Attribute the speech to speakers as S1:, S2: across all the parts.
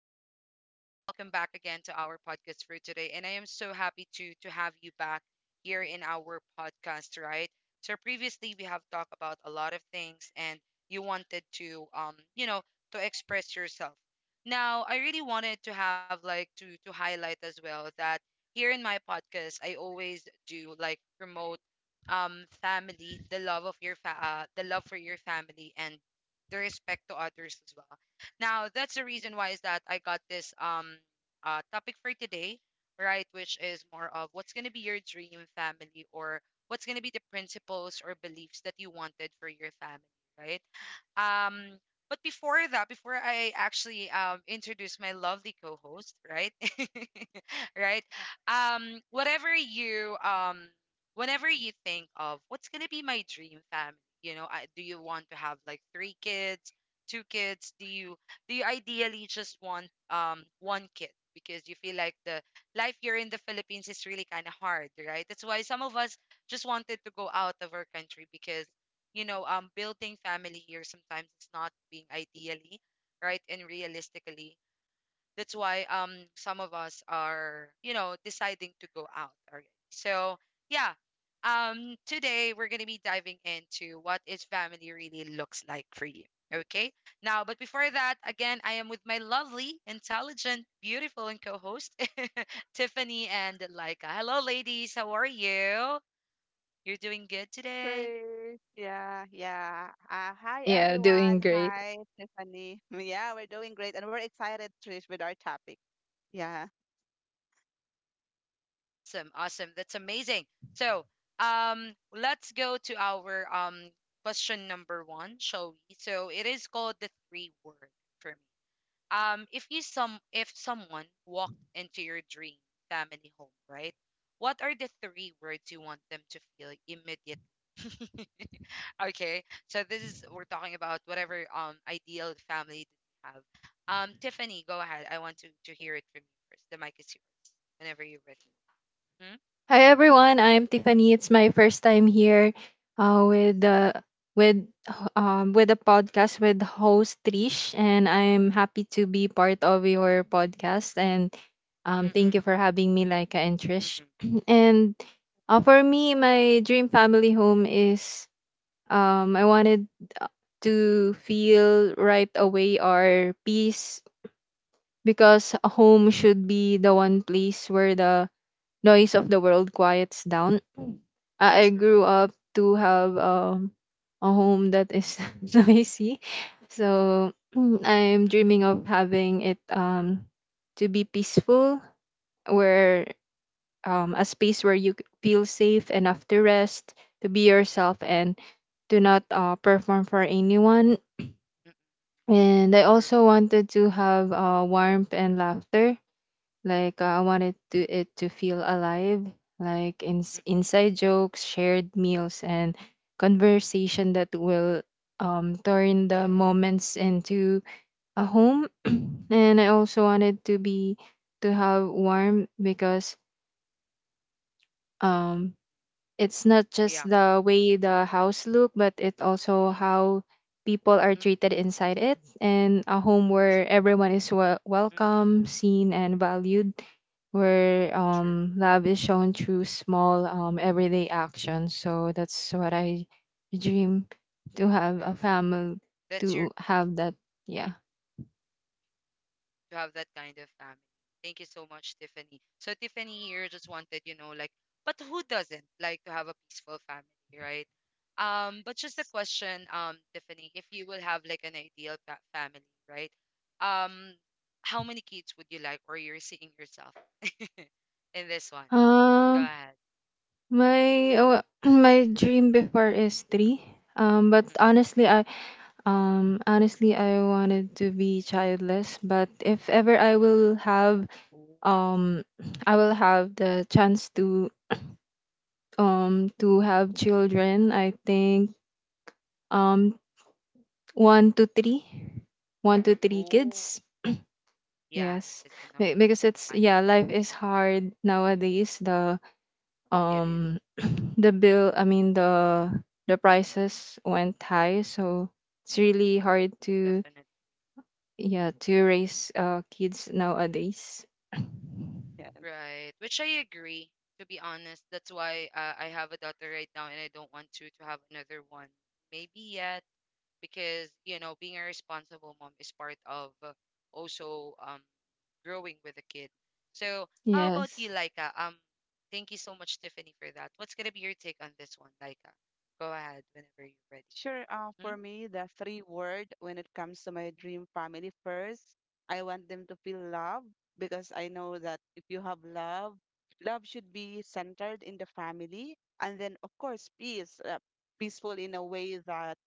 S1: Hello, listeners. Welcome back again to our podcast for today, and I am so happy to have you back here in our podcast. Right. So previously we have talked about a lot of things, and you wanted to to express yourself. Now I really wanted to have like to highlight as well that here in my podcast I always do like promote family, the love of your the love for your family, and the respect to others as well. Now, that's the reason why is that I got this topic for today, right? Which is more of what's gonna be your dream family or what's gonna be the principles or beliefs that you wanted for your family, right? Um, but before that, before I actually introduce my lovely co-host, right? right? Whatever you whenever you think of what's gonna be my dream family, you know, do you want to have like three kids, two kids? Do you ideally just want one kid? Because you feel like the life here in the Philippines is really kind of hard, right? That's why some of us just wanted to go out of our country because building family here sometimes it's not being ideally right and realistically, that's why some of us are, you know, deciding to go out already. So yeah. Today we're gonna be diving into what is family really looks like for you. Okay. Now, but before that, again, I am with my lovely, intelligent, beautiful, and co-host, Tiffany and Laika. Hello, ladies. How are you? You're doing good today.
S2: Trish. Yeah, yeah. Hi,
S3: Yeah, doing
S2: everyone.
S3: great.
S2: Hi, Tiffany. Yeah, we're doing great and we're excited, Trish, with our topic. Yeah,
S1: Awesome, awesome. That's amazing. So, let's go to our question number one, shall we? So it is called the three word for me. If someone walked into your dream family home, right? What are the three words you want them to feel immediately? Okay, so this is we're talking about whatever ideal family that you have. Tiffany, go ahead. I want to hear it from you first. The mic is yours whenever you're ready. Mhm.
S3: Hi everyone, I'm Tiffany. It's my first time here with the with a podcast with host Trish, and I'm happy to be part of your podcast. And thank
S1: Mm-mm,
S3: you for having me, Laika and Trish.
S1: mm-mm,
S3: and for me, my dream family home is I wanted uh, to feel right away our peace, because a home should be the one place where the noise of the world quiets down. I
S1: true.
S3: grew up to have a home that is noisy. So I'm dreaming
S1: Mm-mm,
S3: of having it to be peaceful, where a space where
S1: mm-mm,
S3: you feel safe enough to rest, to be
S1: mm-mm,
S3: yourself, and to not perform for anyone.
S1: mm-mm,
S3: And I also
S1: true.
S3: wanted to have warmth and laughter,
S1: Mm-mm,
S3: like I wanted to it to feel alive, like
S1: mm-mm,
S3: inside jokes, shared meals, and conversation that will turn the moments into a home. And I also wanted to be to have warm, because um it's not just
S1: yeah.
S3: the way the house look, but it also
S1: Mm-mm,
S3: how people are
S1: mm-mm,
S3: treated inside it. And a home where everyone is
S1: mm-mm,
S3: welcome, seen and valued, where
S1: true.
S3: love is shown through small everyday actions. So that's what I dream, to have a family
S1: That's your
S3: to have that.
S1: mm,
S3: Yeah.
S1: to have that kind of family. Thank you so much, Tiffany. So Tiffany here just wanted, you know, like, but who doesn't like to have a peaceful family, right? But just a question, Tiffany, if you will have like an ideal pa family, right? Um, how many kids would you like, or you're seeing yourself in this one? Go
S3: um
S1: ahead.
S3: my my dream before is three, but
S1: Mm-mm.
S3: honestly, I wanted to be childless, but if ever I will have
S1: Ooh.
S3: um I will have the chance to have children, I think, um one to three, one to
S1: Mm.
S3: three
S1: Ooh.
S3: kids.
S1: Yeah,
S3: Yes.
S1: it's enough for you.
S3: Because it's,
S1: I
S3: yeah, life is hard nowadays. The
S1: It is
S3: um the bill, I mean the prices went high, so it's really hard to,
S1: definitely
S3: yeah, to raise kids nowadays.
S2: yeah.
S1: right, which I agree. To be honest, that's why I have a daughter right now, and I don't want to have another one. Maybe yet, because you know, being a responsible mom is part of also growing with a kid. So, how about you,
S3: Yes.
S1: Laika? Thank you so much, Tiffany, for that. What's gonna be your take on this one, Laika? Go ahead whenever you're ready.
S2: Sure. For
S1: Hmm?
S2: me, the three word when it comes to my dream family first, I want them to feel love because I know that if you have love, love should be centered in the family. And then, of course, peace, peaceful in a way that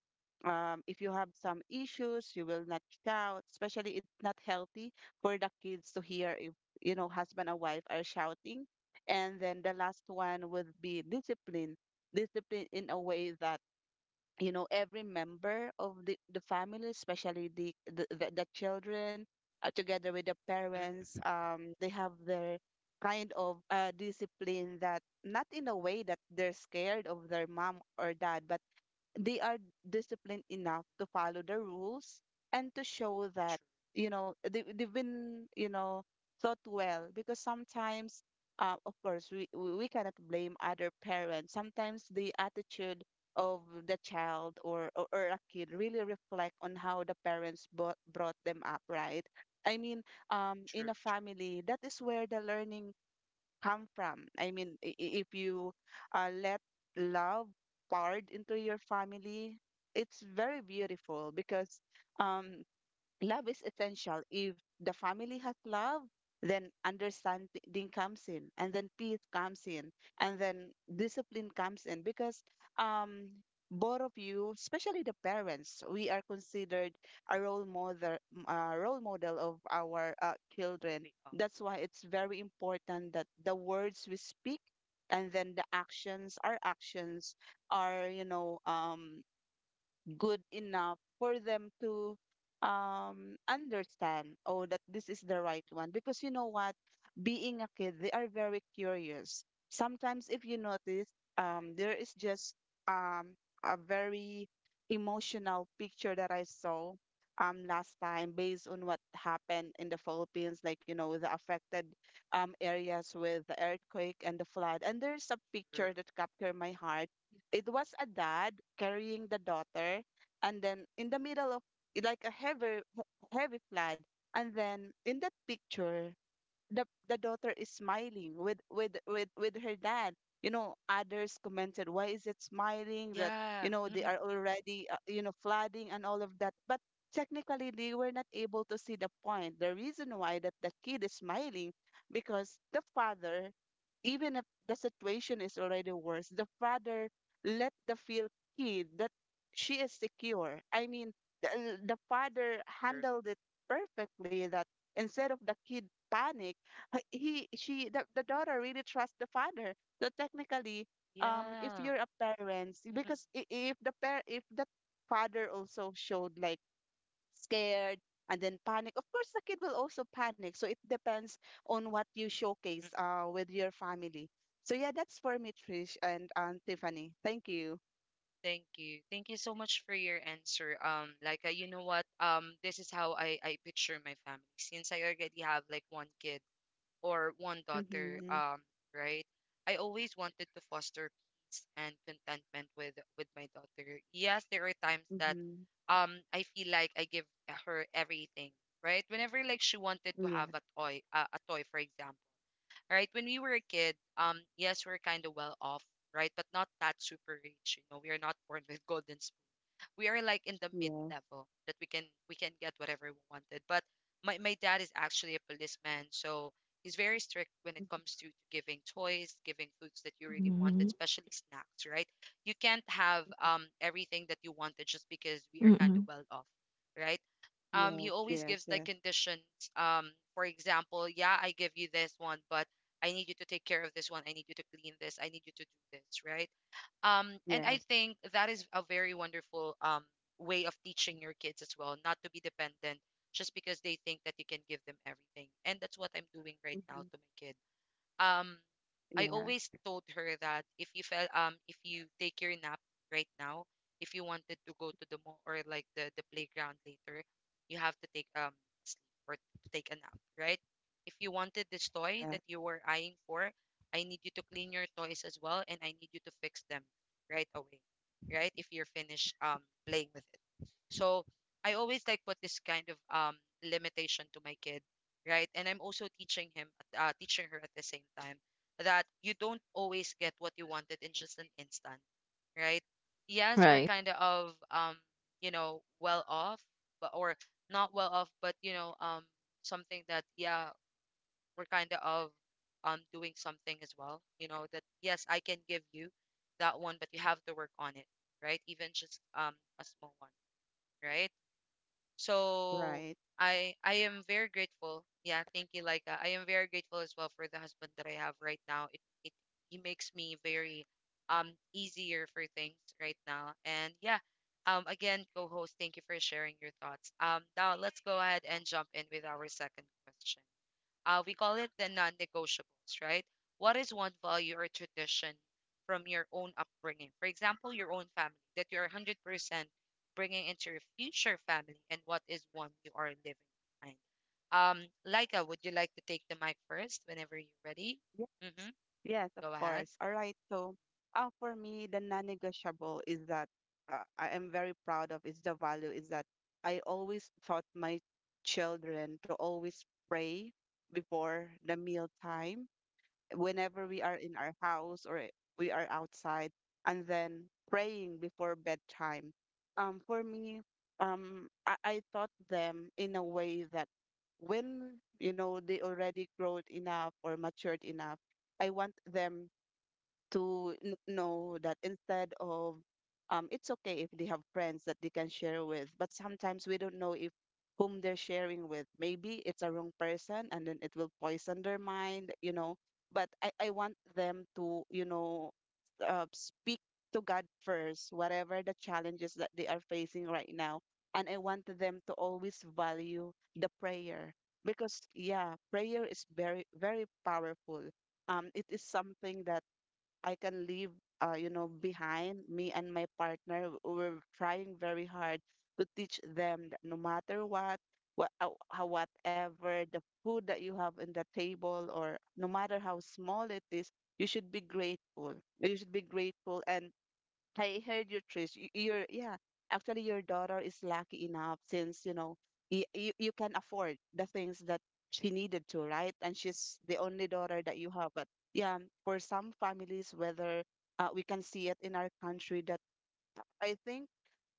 S2: if you have some issues, you will not shout. Especially, it's not healthy for the kids to hear if husband and wife are shouting. And then the last one would be discipline. Discipline in a way that, every member of the family, especially the children, together with the parents,
S1: Mm-mm.
S2: they have their kind of discipline that not in a way that they're scared of their mom or dad, but they are disciplined enough to follow the rules and to show that they've been thought well, because sometimes of course we cannot blame other parents. Sometimes the attitude of the child, or a kid, really reflect on how the parents brought them up, right? I mean, in
S1: True,
S2: a
S1: true.
S2: family that is where the learning come from. I mean, if you let love poured into your family, it's very beautiful because um, love is essential. If the family has love, then understanding comes in, and then peace comes in, and then discipline comes in. Because um, both of you, especially the parents, we are considered a role model of our
S1: We
S2: children.
S1: are.
S2: That's why it's very important that the words we speak, and then the actions, our actions, are good enough for them to understand, oh, that this is the right one. Because you know what, being a kid, they are very curious. Sometimes if you notice, there is just um a very emotional picture that I saw last time based on what happened in the Philippines, like the affected areas with the earthquake and the flood, and there's a
S1: True.
S2: picture that captured my heart. It was a dad carrying the daughter, and then in the middle of like a heavy heavy flood, and then in that picture the daughter is smiling with her dad. Others commented, why is it smiling, that
S1: Yeah.
S2: they are already, flooding and all of that, but technically they were not able to see the point, the reason why that the kid is smiling, because the father, even if the situation is already worse, the father let the feel kid that she is secure. I mean, the, the father
S1: True.
S2: handled it perfectly, that instead of the kid panic, the daughter really trusts the father. So technically, if
S1: Yeah.
S2: you're a parent, because if the father also showed like scared and then panic, of course the kid will also panic. So it depends on what you
S1: Mm-mm,
S2: showcase
S1: mm-mm.
S2: with your family. So yeah, that's for me, Trish, and Tiffany, thank you.
S1: Thank you. Thank you so much for your answer. Like, you know what? This is how I picture my family since I already have like one kid or one daughter.
S2: Mm-hmm,
S1: Right? I always wanted to foster peace and contentment with my daughter. Yes, there are times that
S2: mm-hmm.
S1: I feel like I give her everything. Right? Whenever like she wanted to
S2: Yeah,
S1: have a toy, a toy, for example. Right? When we were a kid, yes, we're kind of well off, right? But not that super rich. You know, we are not born with golden, we are like in the mid
S2: yeah.
S1: level that we can get whatever we wanted. But my dad is actually a policeman, so he's very strict when it
S2: Mhm.
S1: comes to giving toys, giving foods that you really wanted,
S3: Mm.
S1: especially snacks, right? You can't have everything that you wanted just because we are kind of
S3: Mm-mm.
S1: well off, right? He
S2: Yes,
S1: always
S2: yes,
S1: gives like
S2: yes,
S1: conditions. For example, yeah, I give you this one, but I need you to take care of this one, I need you to clean this, I need you to do this, right? And I
S2: yes.
S1: think that is a very wonderful way of teaching your kids as well, not to be dependent just because they think that you can give them everything. And that's what I'm doing right now
S2: Hmm.
S1: to my kid. um I
S2: Yeah,
S1: always told her that if you fell if you take your nap right now, if you wanted to go to the mall or like the playground later, you have to take sleep or to take a nap, right? If you wanted this toy
S2: yeah.
S1: that you were eyeing for, I need you to clean your toys as well and I need you to fix them right away. Right? If you're finished playing with it. So I always like put this kind of limitation to my kid, right? And I'm also teaching her at the same time that you don't always get what you wanted in just an instant, right? Yes, we're
S3: Right.
S1: kind of you know, well off, but or not well off, but you know, something that yeah, we're kind of doing something as well. You know that yes, I can give you that one, but you have to work on it, right? Even just a small one, right? So
S2: Right.
S1: I am very grateful. Yeah, thank you, Laika. I am very grateful as well for the husband that I have right now. It he makes me very easier for things right now. And yeah, again, co-host, thank you for sharing your thoughts. Now let's go ahead and jump in with our second question, we call it the non-negotiables, right? What is one value or tradition from your own upbringing? For example, your own family that you're 100% bringing into your future family, and what is one you are living behind? Laika, would you like to take the mic first whenever you're ready?
S2: Yes.
S1: Mm-hmm.
S2: Yes, of
S1: Go ahead.
S2: course. All right. So, for me, the non-negotiable is that I am very proud of is the value is that I always taught my children to always pray before the meal time, whenever we are in our house or we are outside, and then praying before bedtime. For me, I taught them in a way that when you know they already grown enough or matured enough, I want them to know that, instead of, it's okay if they have friends that they can share with, but sometimes we don't know if whom they're sharing with. Maybe it's a wrong person and then it will poison their mind. But I want them to, speak to God first, whatever the challenges that they are facing right now. And I want them to always value the prayer because, yeah, prayer is very, very powerful. It is something that I can leave, behind me and my partner. We're trying very hard to teach them that no matter what, whatever the food that you have on the table, or no matter how small it is, you should be grateful. You should be grateful, and I heard you, Trish. Y- Your Yeah, actually, your daughter is lucky enough, since you know you can afford the things that she needed to, right? And she's the only daughter that you have. But yeah, for some families, whether we can see it in our country that I think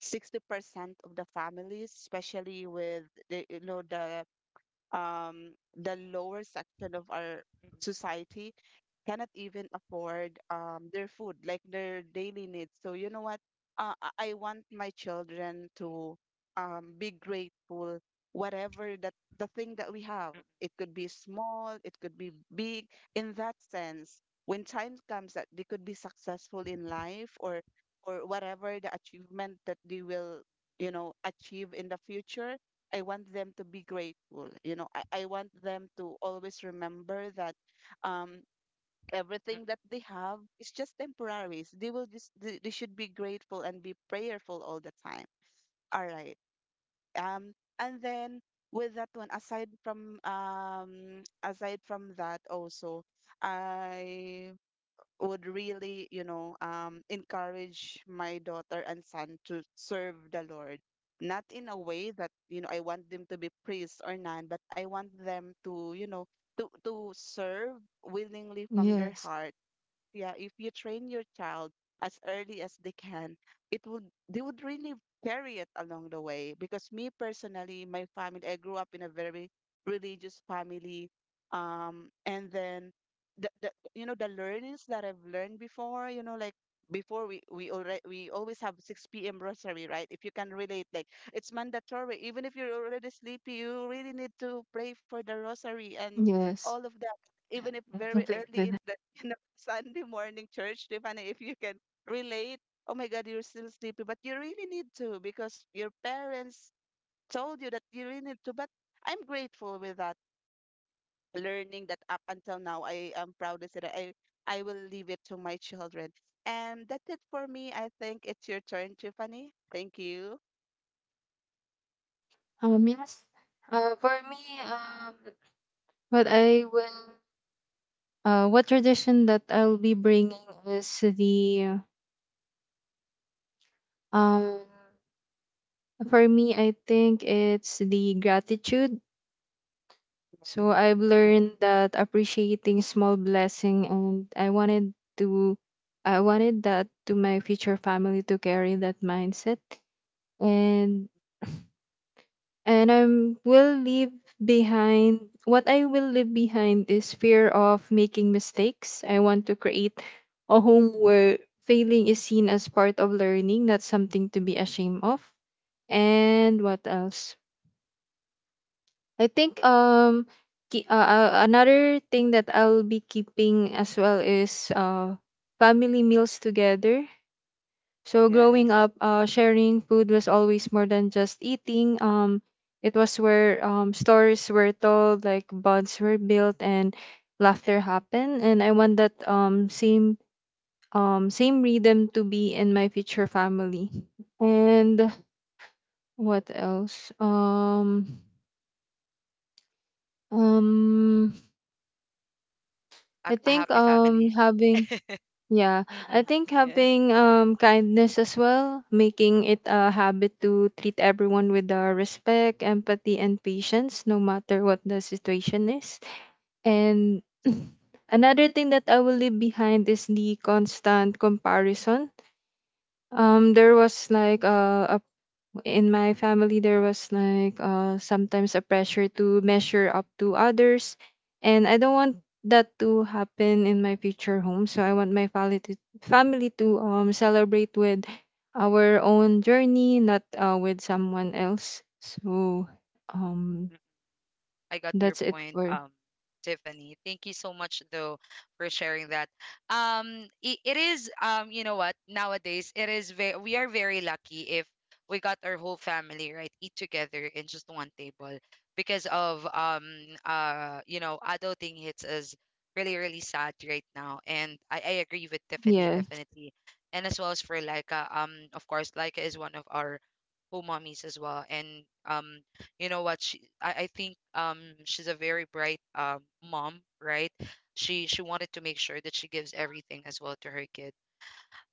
S2: 60% of the families, especially with the you know um the lower section of our
S1: Mm,
S2: society, cannot even afford their food, like their daily needs. So you know what? Uh, I want my children to be grateful, whatever that the thing that we have.
S1: mm, mm,
S2: It could be small, it could be big. In that sense, when time comes that they could be successful in life, or whatever the achievement that they will, achieve in the future, I want them to be grateful. I want them to always remember that um,
S1: mm,
S2: everything that they have is just temporary. So They will just they should be grateful and be prayerful all the time. All right. Um, and then with that one, aside from that, also, I would really, encourage my daughter and son to serve the Lord. Not in a way that, I want them to be priests or none, but I want them to, serve willingly from their
S3: Yes,
S2: heart. Yeah, if you train your child as early as they can, it would they would really carry it along the way. Because me personally, my family, I grew up in a very religious family, and then the you know the learnings that I've learned before, like before we always have 6 p.m. rosary, right? If you can relate, like it's mandatory. Even if you're already sleepy, you really need to pray for the rosary and all
S3: yes.
S2: of that, even if
S3: I
S2: very early
S3: completely do
S2: in
S3: that.
S2: the Sunday morning church, Tiffany, if you can relate. Oh my God, you're still sleepy, but you really need to because your parents told you that you really need to. But I'm grateful with that learning, that up until now, I am proud to say that I will leave it to my children. And that's it for me. I think it's your turn, Tiffany. Thank you.
S3: Yes. For me, um what I will what tradition that I'll be bringing is the, um for me I think it's the gratitude.
S2: Yes.
S3: So I've
S2: Mm,
S3: learned that appreciating small blessing, and to I wanted that to my future family, to carry that mindset. And I'm will leave behind, what I will leave behind is fear of making mistakes. I want to create a home where failing is seen as part of learning, not something to be ashamed of. And what else? I think another thing that I'll be keeping as well is family meals together. So
S2: yes.
S3: growing up, sharing food was always more than just eating. It was where stories were told, like bonds were built and laughter happened, and I want that same rhythm to be in my future family. And what
S2: Mhm.
S3: else? Um
S1: mm.
S3: I
S1: A
S3: think
S1: happy family.
S3: having, yeah, I
S1: Mm-mm.
S3: think
S2: Yeah.
S3: having kindness as well, making it a habit to treat everyone with respect, empathy and patience, no matter what the situation is. And another thing that I will leave behind is the constant comparison. There was like in my family there was like sometimes a pressure to measure up to others, and I don't want that to happen in my future home. So I want my family to celebrate with our own journey, not with someone else. So um
S1: I got your
S3: that's it
S1: point,
S3: for.
S1: Tiffany. Thank you so much though for sharing that. It is you know what? Nowadays, it is very, we are very lucky if we got our whole family right eat together in just one table because of you know adulting hits us really really sad right now, and I agree with Tiffany
S3: Yes.
S1: definitely, and as well as for Laika. Of course Laika is one of our co mommies as well, and um you know what I think she's a very bright mom, right? She wanted to make sure that she gives everything as well to her kid.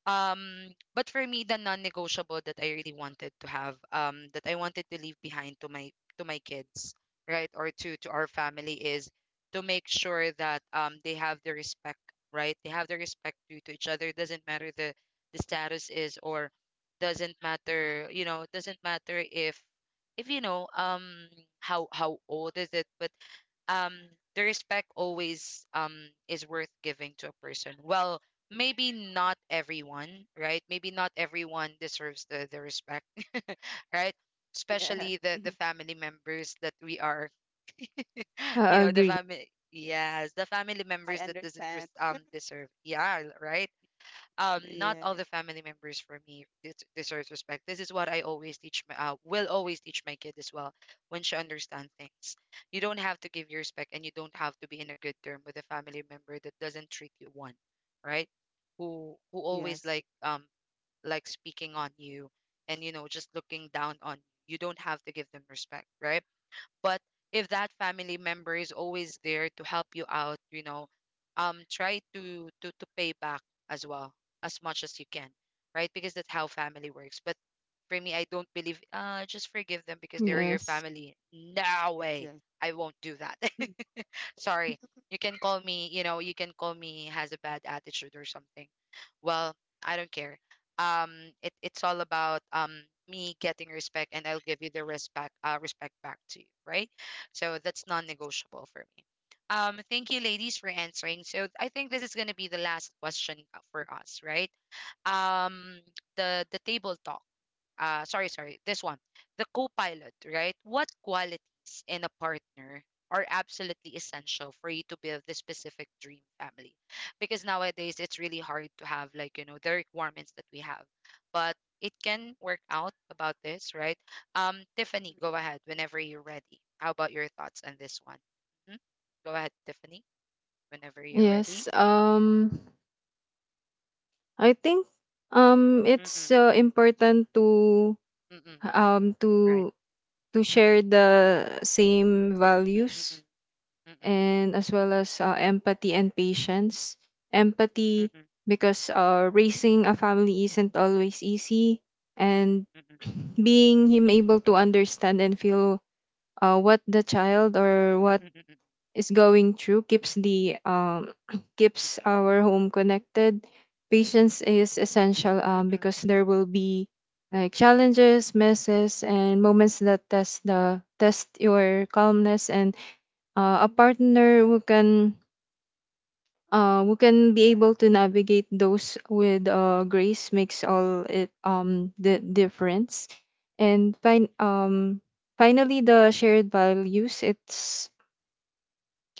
S1: Um, but for me, the non-negotiable that I really wanted to have, that I wanted to leave behind to my kids, right, or to our family is to make sure that they have the respect, right? They have the respect due to each other. Doesn't matter the status is, or doesn't matter, you know, doesn't matter if you know how old is it, but um the respect always is worth giving to a person. Well, maybe not everyone, right? Maybe not everyone deserves the respect. Right?
S2: Yes.
S1: Especially the family members that we are.
S3: I
S1: You know, the
S3: agree.
S1: family. Yes, the family
S2: I
S1: members that doesn't
S2: understand.
S1: res- deserve, yeah, right. Not all
S2: Yes.
S1: the family members for me deserves respect. This is what I always teach my will always teach my kid as well when she understands things. You don't have to give your respect, and you don't have to be in a good term with a family member that doesn't treat you one, right? Who always
S2: Yes.
S1: like speaking on you, and you know, just looking down on you, you don't have to give them respect, right? But if that family member is always there to help you out, you know, try to pay back as well as much as you can, right? Because that's how family works. But for me, I don't believe. Just forgive them because they're your
S3: Yes,
S1: family. No
S2: Yes.
S1: way,
S2: Yes.
S1: I won't do that. Sorry. You can call me, you know, you can call me has a bad attitude or something. Well, I don't care, it's all about me getting respect, and I'll give you the respect, respect back to you, right? So that's non-negotiable for me. Thank you, ladies, for answering. So I think this is going to be the last question, for us, right? um the table talk, sorry, this one, the co-pilot, right? What qualities in a partner are absolutely essential for you to build the specific dream family? Because nowadays it's really hard to have, like, you know, the requirements that we have, but it can work out about this, right? Tiffany, go ahead whenever you're ready. How about your thoughts on this one? Mhm. Go ahead, Tiffany, whenever you're ready.
S3: yes. I think,
S1: Mm-mm,
S3: it's important to
S1: mm-mm,
S3: um
S1: right,
S3: to to
S1: mm-mm,
S3: share the same values,
S1: mm-mm, mm-mm,
S3: and as well as empathy and patience. Empathy,
S1: mm-mm,
S3: because raising a family isn't always easy, and
S1: mm-mm,
S3: being him able to understand and feel what the child or what
S1: mm-mm, mm-mm,
S3: is going through, keeps the keeps our home connected. Patience is essential,
S1: mm-mm, mm-mm.
S3: because there will be like challenges, messes, and moments that test your calmness. And a partner who can be able to navigate those with grace, makes all it the difference. And finally the shared values,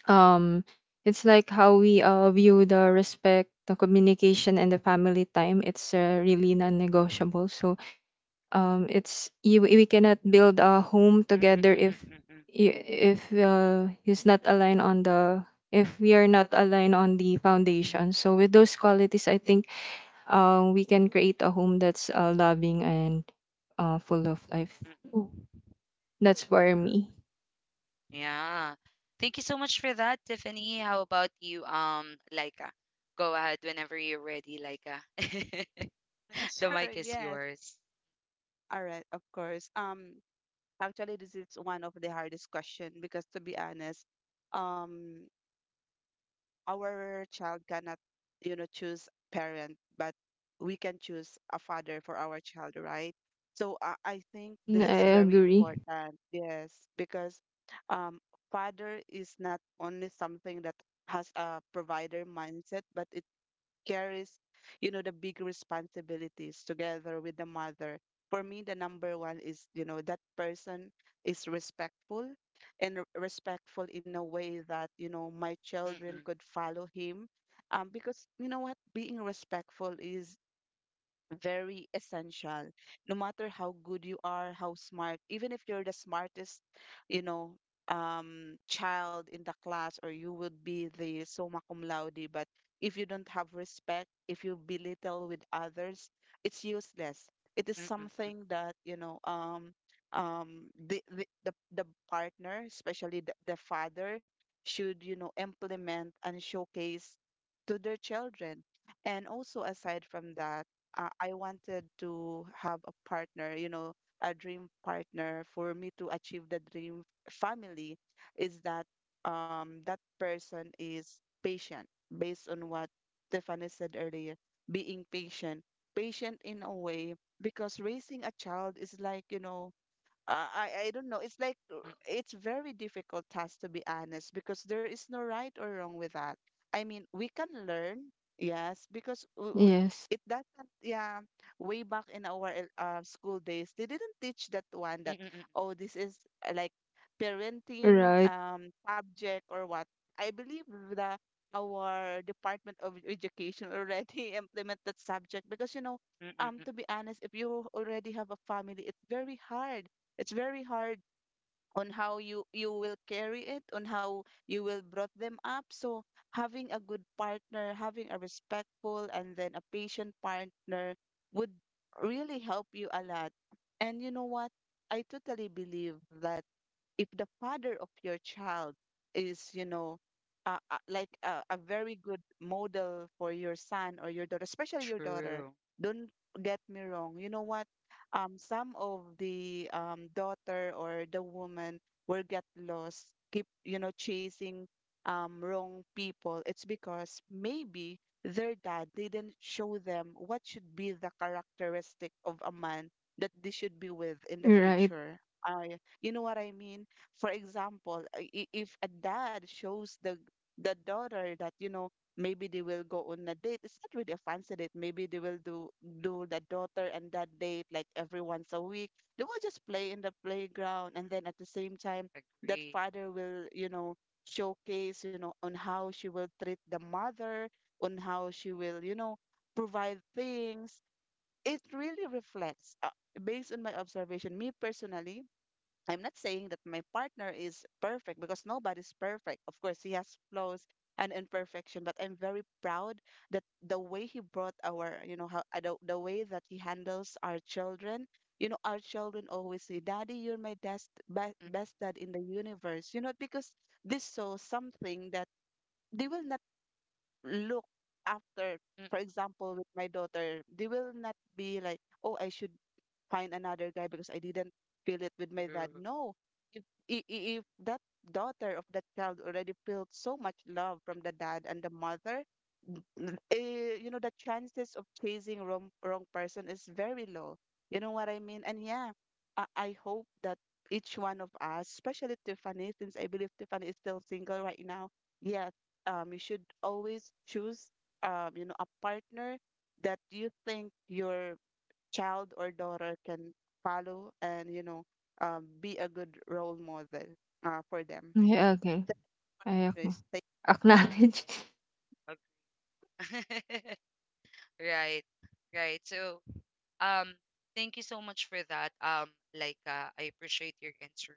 S3: um it's like how we view the respect, the communication and the family time. It's really non-negotiable. So it's you, we cannot build a home
S1: Mm, mm,
S3: together
S1: mm, mm,
S3: if
S1: mm, mm,
S3: i- it's not aligned on the if we are not aligned on the foundation. So with those qualities, I think we can create a home that's loving and full of life.
S1: mm.
S3: Ooh. That's for me.
S1: Yeah. Thank you so much for that, Tiffany. How about you, Laika? Go ahead whenever you're ready, Laika. The
S2: Sure.
S1: mic is
S2: Yes.
S1: yours,
S2: All right, of course. Actually, this is one of the hardest question, because to be honest, um, our child cannot, choose parent, but we can choose a father for our child, right? So I think
S3: Mm,
S2: this is
S3: I
S1: definitely.
S2: very
S3: agree.
S2: important. Yes, because um, father is not only something that has a provider mindset, but it carries, the big responsibilities together with the mother. For me, the number one is, that person is respectful, and respectful in a way that, my children
S1: Mm-mm,
S2: could follow him. Because you know what, being respectful is very essential, no matter how good you are, how smart, even if you're the smartest you know child in the class, or you would be the summa cum laude. But if you don't have respect, if you belittle with others, it's useless. It is
S1: mm-mm,
S2: something that the partner, especially the father, should implement and showcase to their children. And also, aside from that, I wanted to have a partner, a dream partner, for me to achieve the dream family, is that that person is patient, based on what Stephanie said earlier, being patient, patient in a way, because raising a child is like, I don't know. It's like uh,
S1: mm-mm,
S2: it's very difficult task, to be honest, because there is no right or wrong with that. I mean, we can learn, yes, because
S3: Yes.
S2: it doesn't. Yeah, way back in our school days, they didn't teach that one, that,
S1: mm-mm, mm-mm,
S2: oh, this is like parenting
S3: Right,
S2: subject or what. I believe the our Department of Education already implement that subject because
S1: mm-mm,
S2: to
S1: mm-mm.
S2: be honest, if you already have a family, it's very hard on how you will carry it, on how you will brought them up. So having a good partner, having a respectful and then a patient partner would really help you a lot. And you know what, I totally believe that if the father of your child is, you know, a very good model for your son or your daughter, especially your daughter,
S1: True.
S2: don't get me wrong. You know what? Some of the daughter or the woman will get lost, keep, chasing wrong people. It's because maybe their dad didn't show them what should be the characteristic of a man that they should be with in the
S3: right.
S2: future. I, you know what I mean? For example, if a dad shows the daughter that, you know, maybe they will go on a date. It's not really a fancy date. Maybe they will do the daughter and that date like every once a week. They will just play in the playground, and then at the same time that
S1: Agree.
S2: father will, you know, showcase, you know, on how she will treat the mother, on how she will, you know, provide things. It really reflects, based on my observation, me personally, I'm not saying that my partner is perfect, because nobody's perfect. Of course, he has flaws and imperfection, but I'm very proud that the way he brought our, you know, how the way that he handles our children. You know, our children always say, "Daddy, you're my best best best
S1: Mm,
S2: dad in the universe." You know, because this shows something that they will not look after. For
S1: mm.
S2: example, with my daughter, they will not be like, oh, I should find another guy because I didn't feel it with my dad.
S1: True.
S2: No, if if that daughter of that child already felt so much love from the dad and the mother, you know, the chances of chasing wrong person is very low. You know what I mean? And yeah, I hope that each one of us, especially Tiffany, since I believe Tiffany is still single right now, yes, you should always choose, you know, a partner that you think your child or daughter can follow and, you know, be a good role model, for them.
S1: Mm,
S3: Yeah, okay. I
S2: So
S3: ac-
S2: it's—
S3: Acknowledge,
S1: ag- Right. Right. So, um, thank you so much for that, Laika. I appreciate your answer.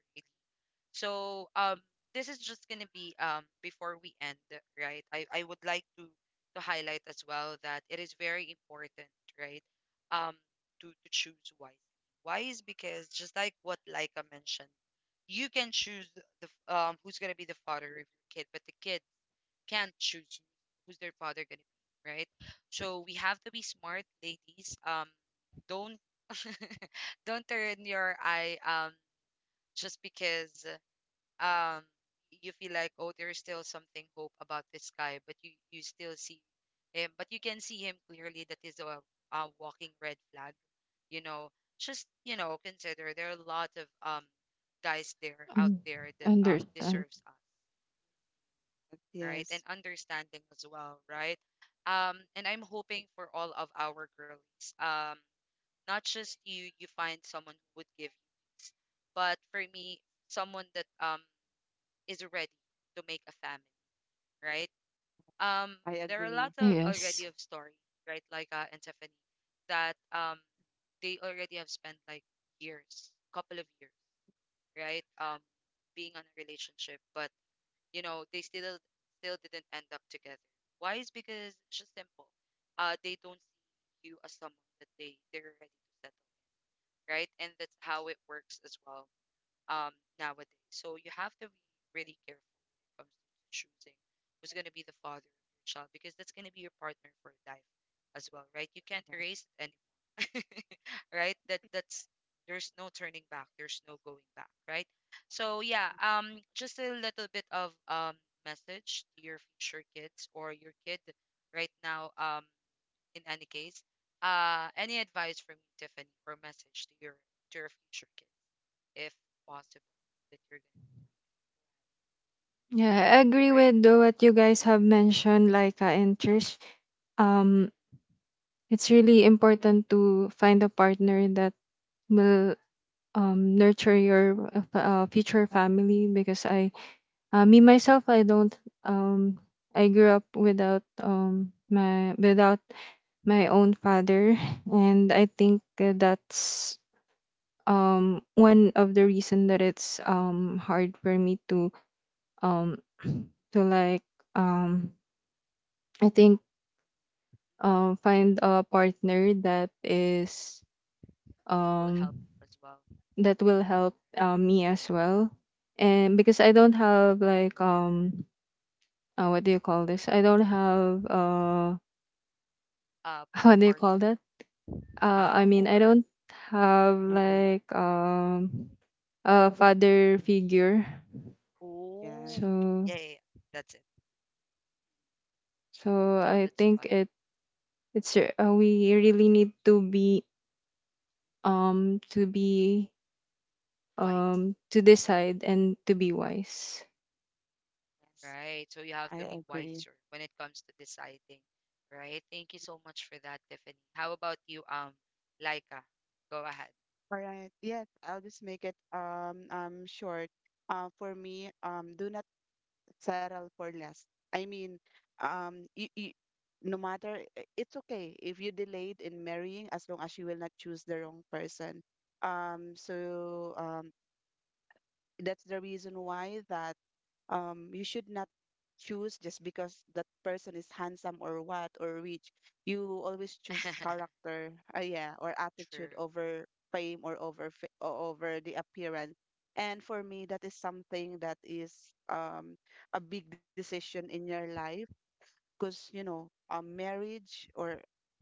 S1: So, um, this is just gonna be, um, before we end, right? I would like to highlight as well that it is very important, right? Um, to choose wisely. Why is because, just like what Laika mentioned, you can choose the f- um, who's gonna be the father of your kid, but the kid can't choose who's their father gonna be, right? So we have to be smart, ladies. Um, don't don't turn your eye, um, just because, um, you feel like, oh, there's still something hope about this guy, but you still see him, but you can see him clearly that is a walking red flag, you know. Just, you know, consider there are a lot of, um, guys there out
S3: and
S1: there that, um,
S3: understand.
S1: deserves us, right,
S2: Yes,
S1: and understanding as well, right? Um, and I'm hoping for all of our girlies, um, not just you find someone who would give you peace, but for me, someone that, um, is ready to make a family, right? Um,
S2: I
S1: there are lots
S2: agree.
S1: of already
S3: Yes.
S1: of stories, right? Like, and Stephanie, that, they already have spent like years, couple of years, right? Being on a relationship, but you know they still didn't end up together. Why is because it's just simple. They don't see you as someone that they're ready to settle, right? And that's how it works as well. Um, nowadays, so you have to be really careful comes to choosing who's going to be the father of your child, because that's going to be your partner for life as well, right? You can't
S2: Yes,
S1: erase it anymore, right? That's there's no turning back, there's no going back, right? So yeah, just a little bit of, um, message to your future kids or your kid right now, in any case, any advice from you, Tiffany, or message to your future kids, if possible, that you're
S3: Yeah, I agree
S1: gonna, right?
S3: with the what you guys have mentioned, like in church. Um, it's really important to find a partner that will nurture your future family. Because I, me myself, I don't um I grew up without my own father, and I think that's one of the reason that it's hard for me to um to like um I think find a partner that is
S1: Mm-mm, will
S3: um
S1: help you as well.
S3: that will help me as well. And because I don't have like what do you call this,
S1: Mm-mm.
S3: I don't have
S1: Uh,
S3: what do you
S1: part,
S3: call that, I mean I
S1: or
S3: don't have
S1: mm-mm.
S3: like a
S1: Mm.
S3: father figure.
S2: yes.
S1: Oh, okay.
S3: So,
S1: Yeah, yeah, yeah. That's it.
S3: so
S1: So
S3: I
S1: that's
S3: think
S1: why
S3: it, we really need to be um to be
S1: wise.
S3: to decide and to be
S1: Uh,
S3: wise.
S2: Yes.
S1: right. So you
S2: I
S1: have to be
S2: agree.
S1: wiser when it comes to deciding, right? Thank you so much for that, Tiffany. How about you, Laika? Go ahead.
S2: All right. Yes, I'll just make it short. For me, do not settle for less. I mean, um, you, you, no matter, it's okay if you delayed in marrying, as long as you will not choose the wrong person. Um, so um, that's the reason why that you should not choose just because that person is handsome or what, or rich. You always choose character, yeah, or attitude
S1: True.
S2: over fame, or over over the appearance. And for me, that is something that is a big decision in your life, because you know, a marriage or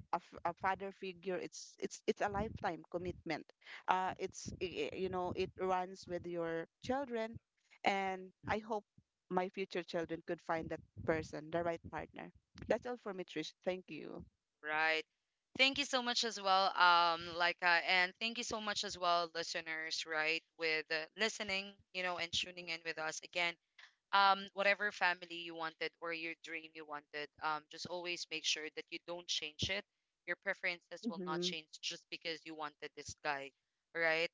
S2: a, a father figure, it's it's a lifetime
S1: Mm-mm.
S2: commitment. It's, you know, it runs with your children. And I hope my future children could find that person, the right partner. That's all for me, Trish, thank you.
S1: Right. Thank you so much as well, Laika, and thank you so much as well, listeners, right, with, listening, you know, and tuning in with us again. Um, whatever family you wanted or your dream you wanted, um, just always make sure that you don't change it. Your preferences will not
S2: Mm-hmm.
S1: change just because you wanted this guy, right?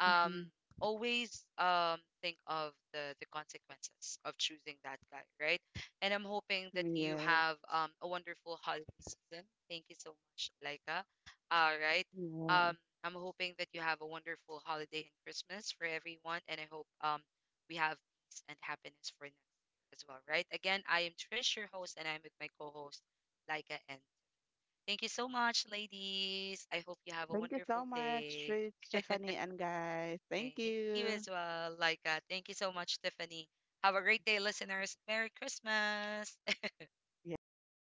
S1: Um,
S2: Mm-hmm.
S1: always, um, think of the consequences of choosing that guy, right? And I'm hoping that you
S2: Yes.
S1: have, um, a wonderful holiday season. Thank you so much, Laika. All right. Um,
S2: Yes,
S1: I'm hoping that you have a wonderful holiday and Christmas for everyone, and I hope, um, we have and happiness for next year as well, right? Again, I am Trish, your host, and I'm with my co host, Laika. And thank you so much, ladies. I hope you have a
S2: thank you
S1: wonderful
S2: so much,
S1: day.
S2: Trish, Stephanie, and guys, thank
S1: Thank you
S2: you.
S1: as well, Laika. Thank you so much, Tiffany. Have a great day, listeners. Merry Christmas.
S2: Yes.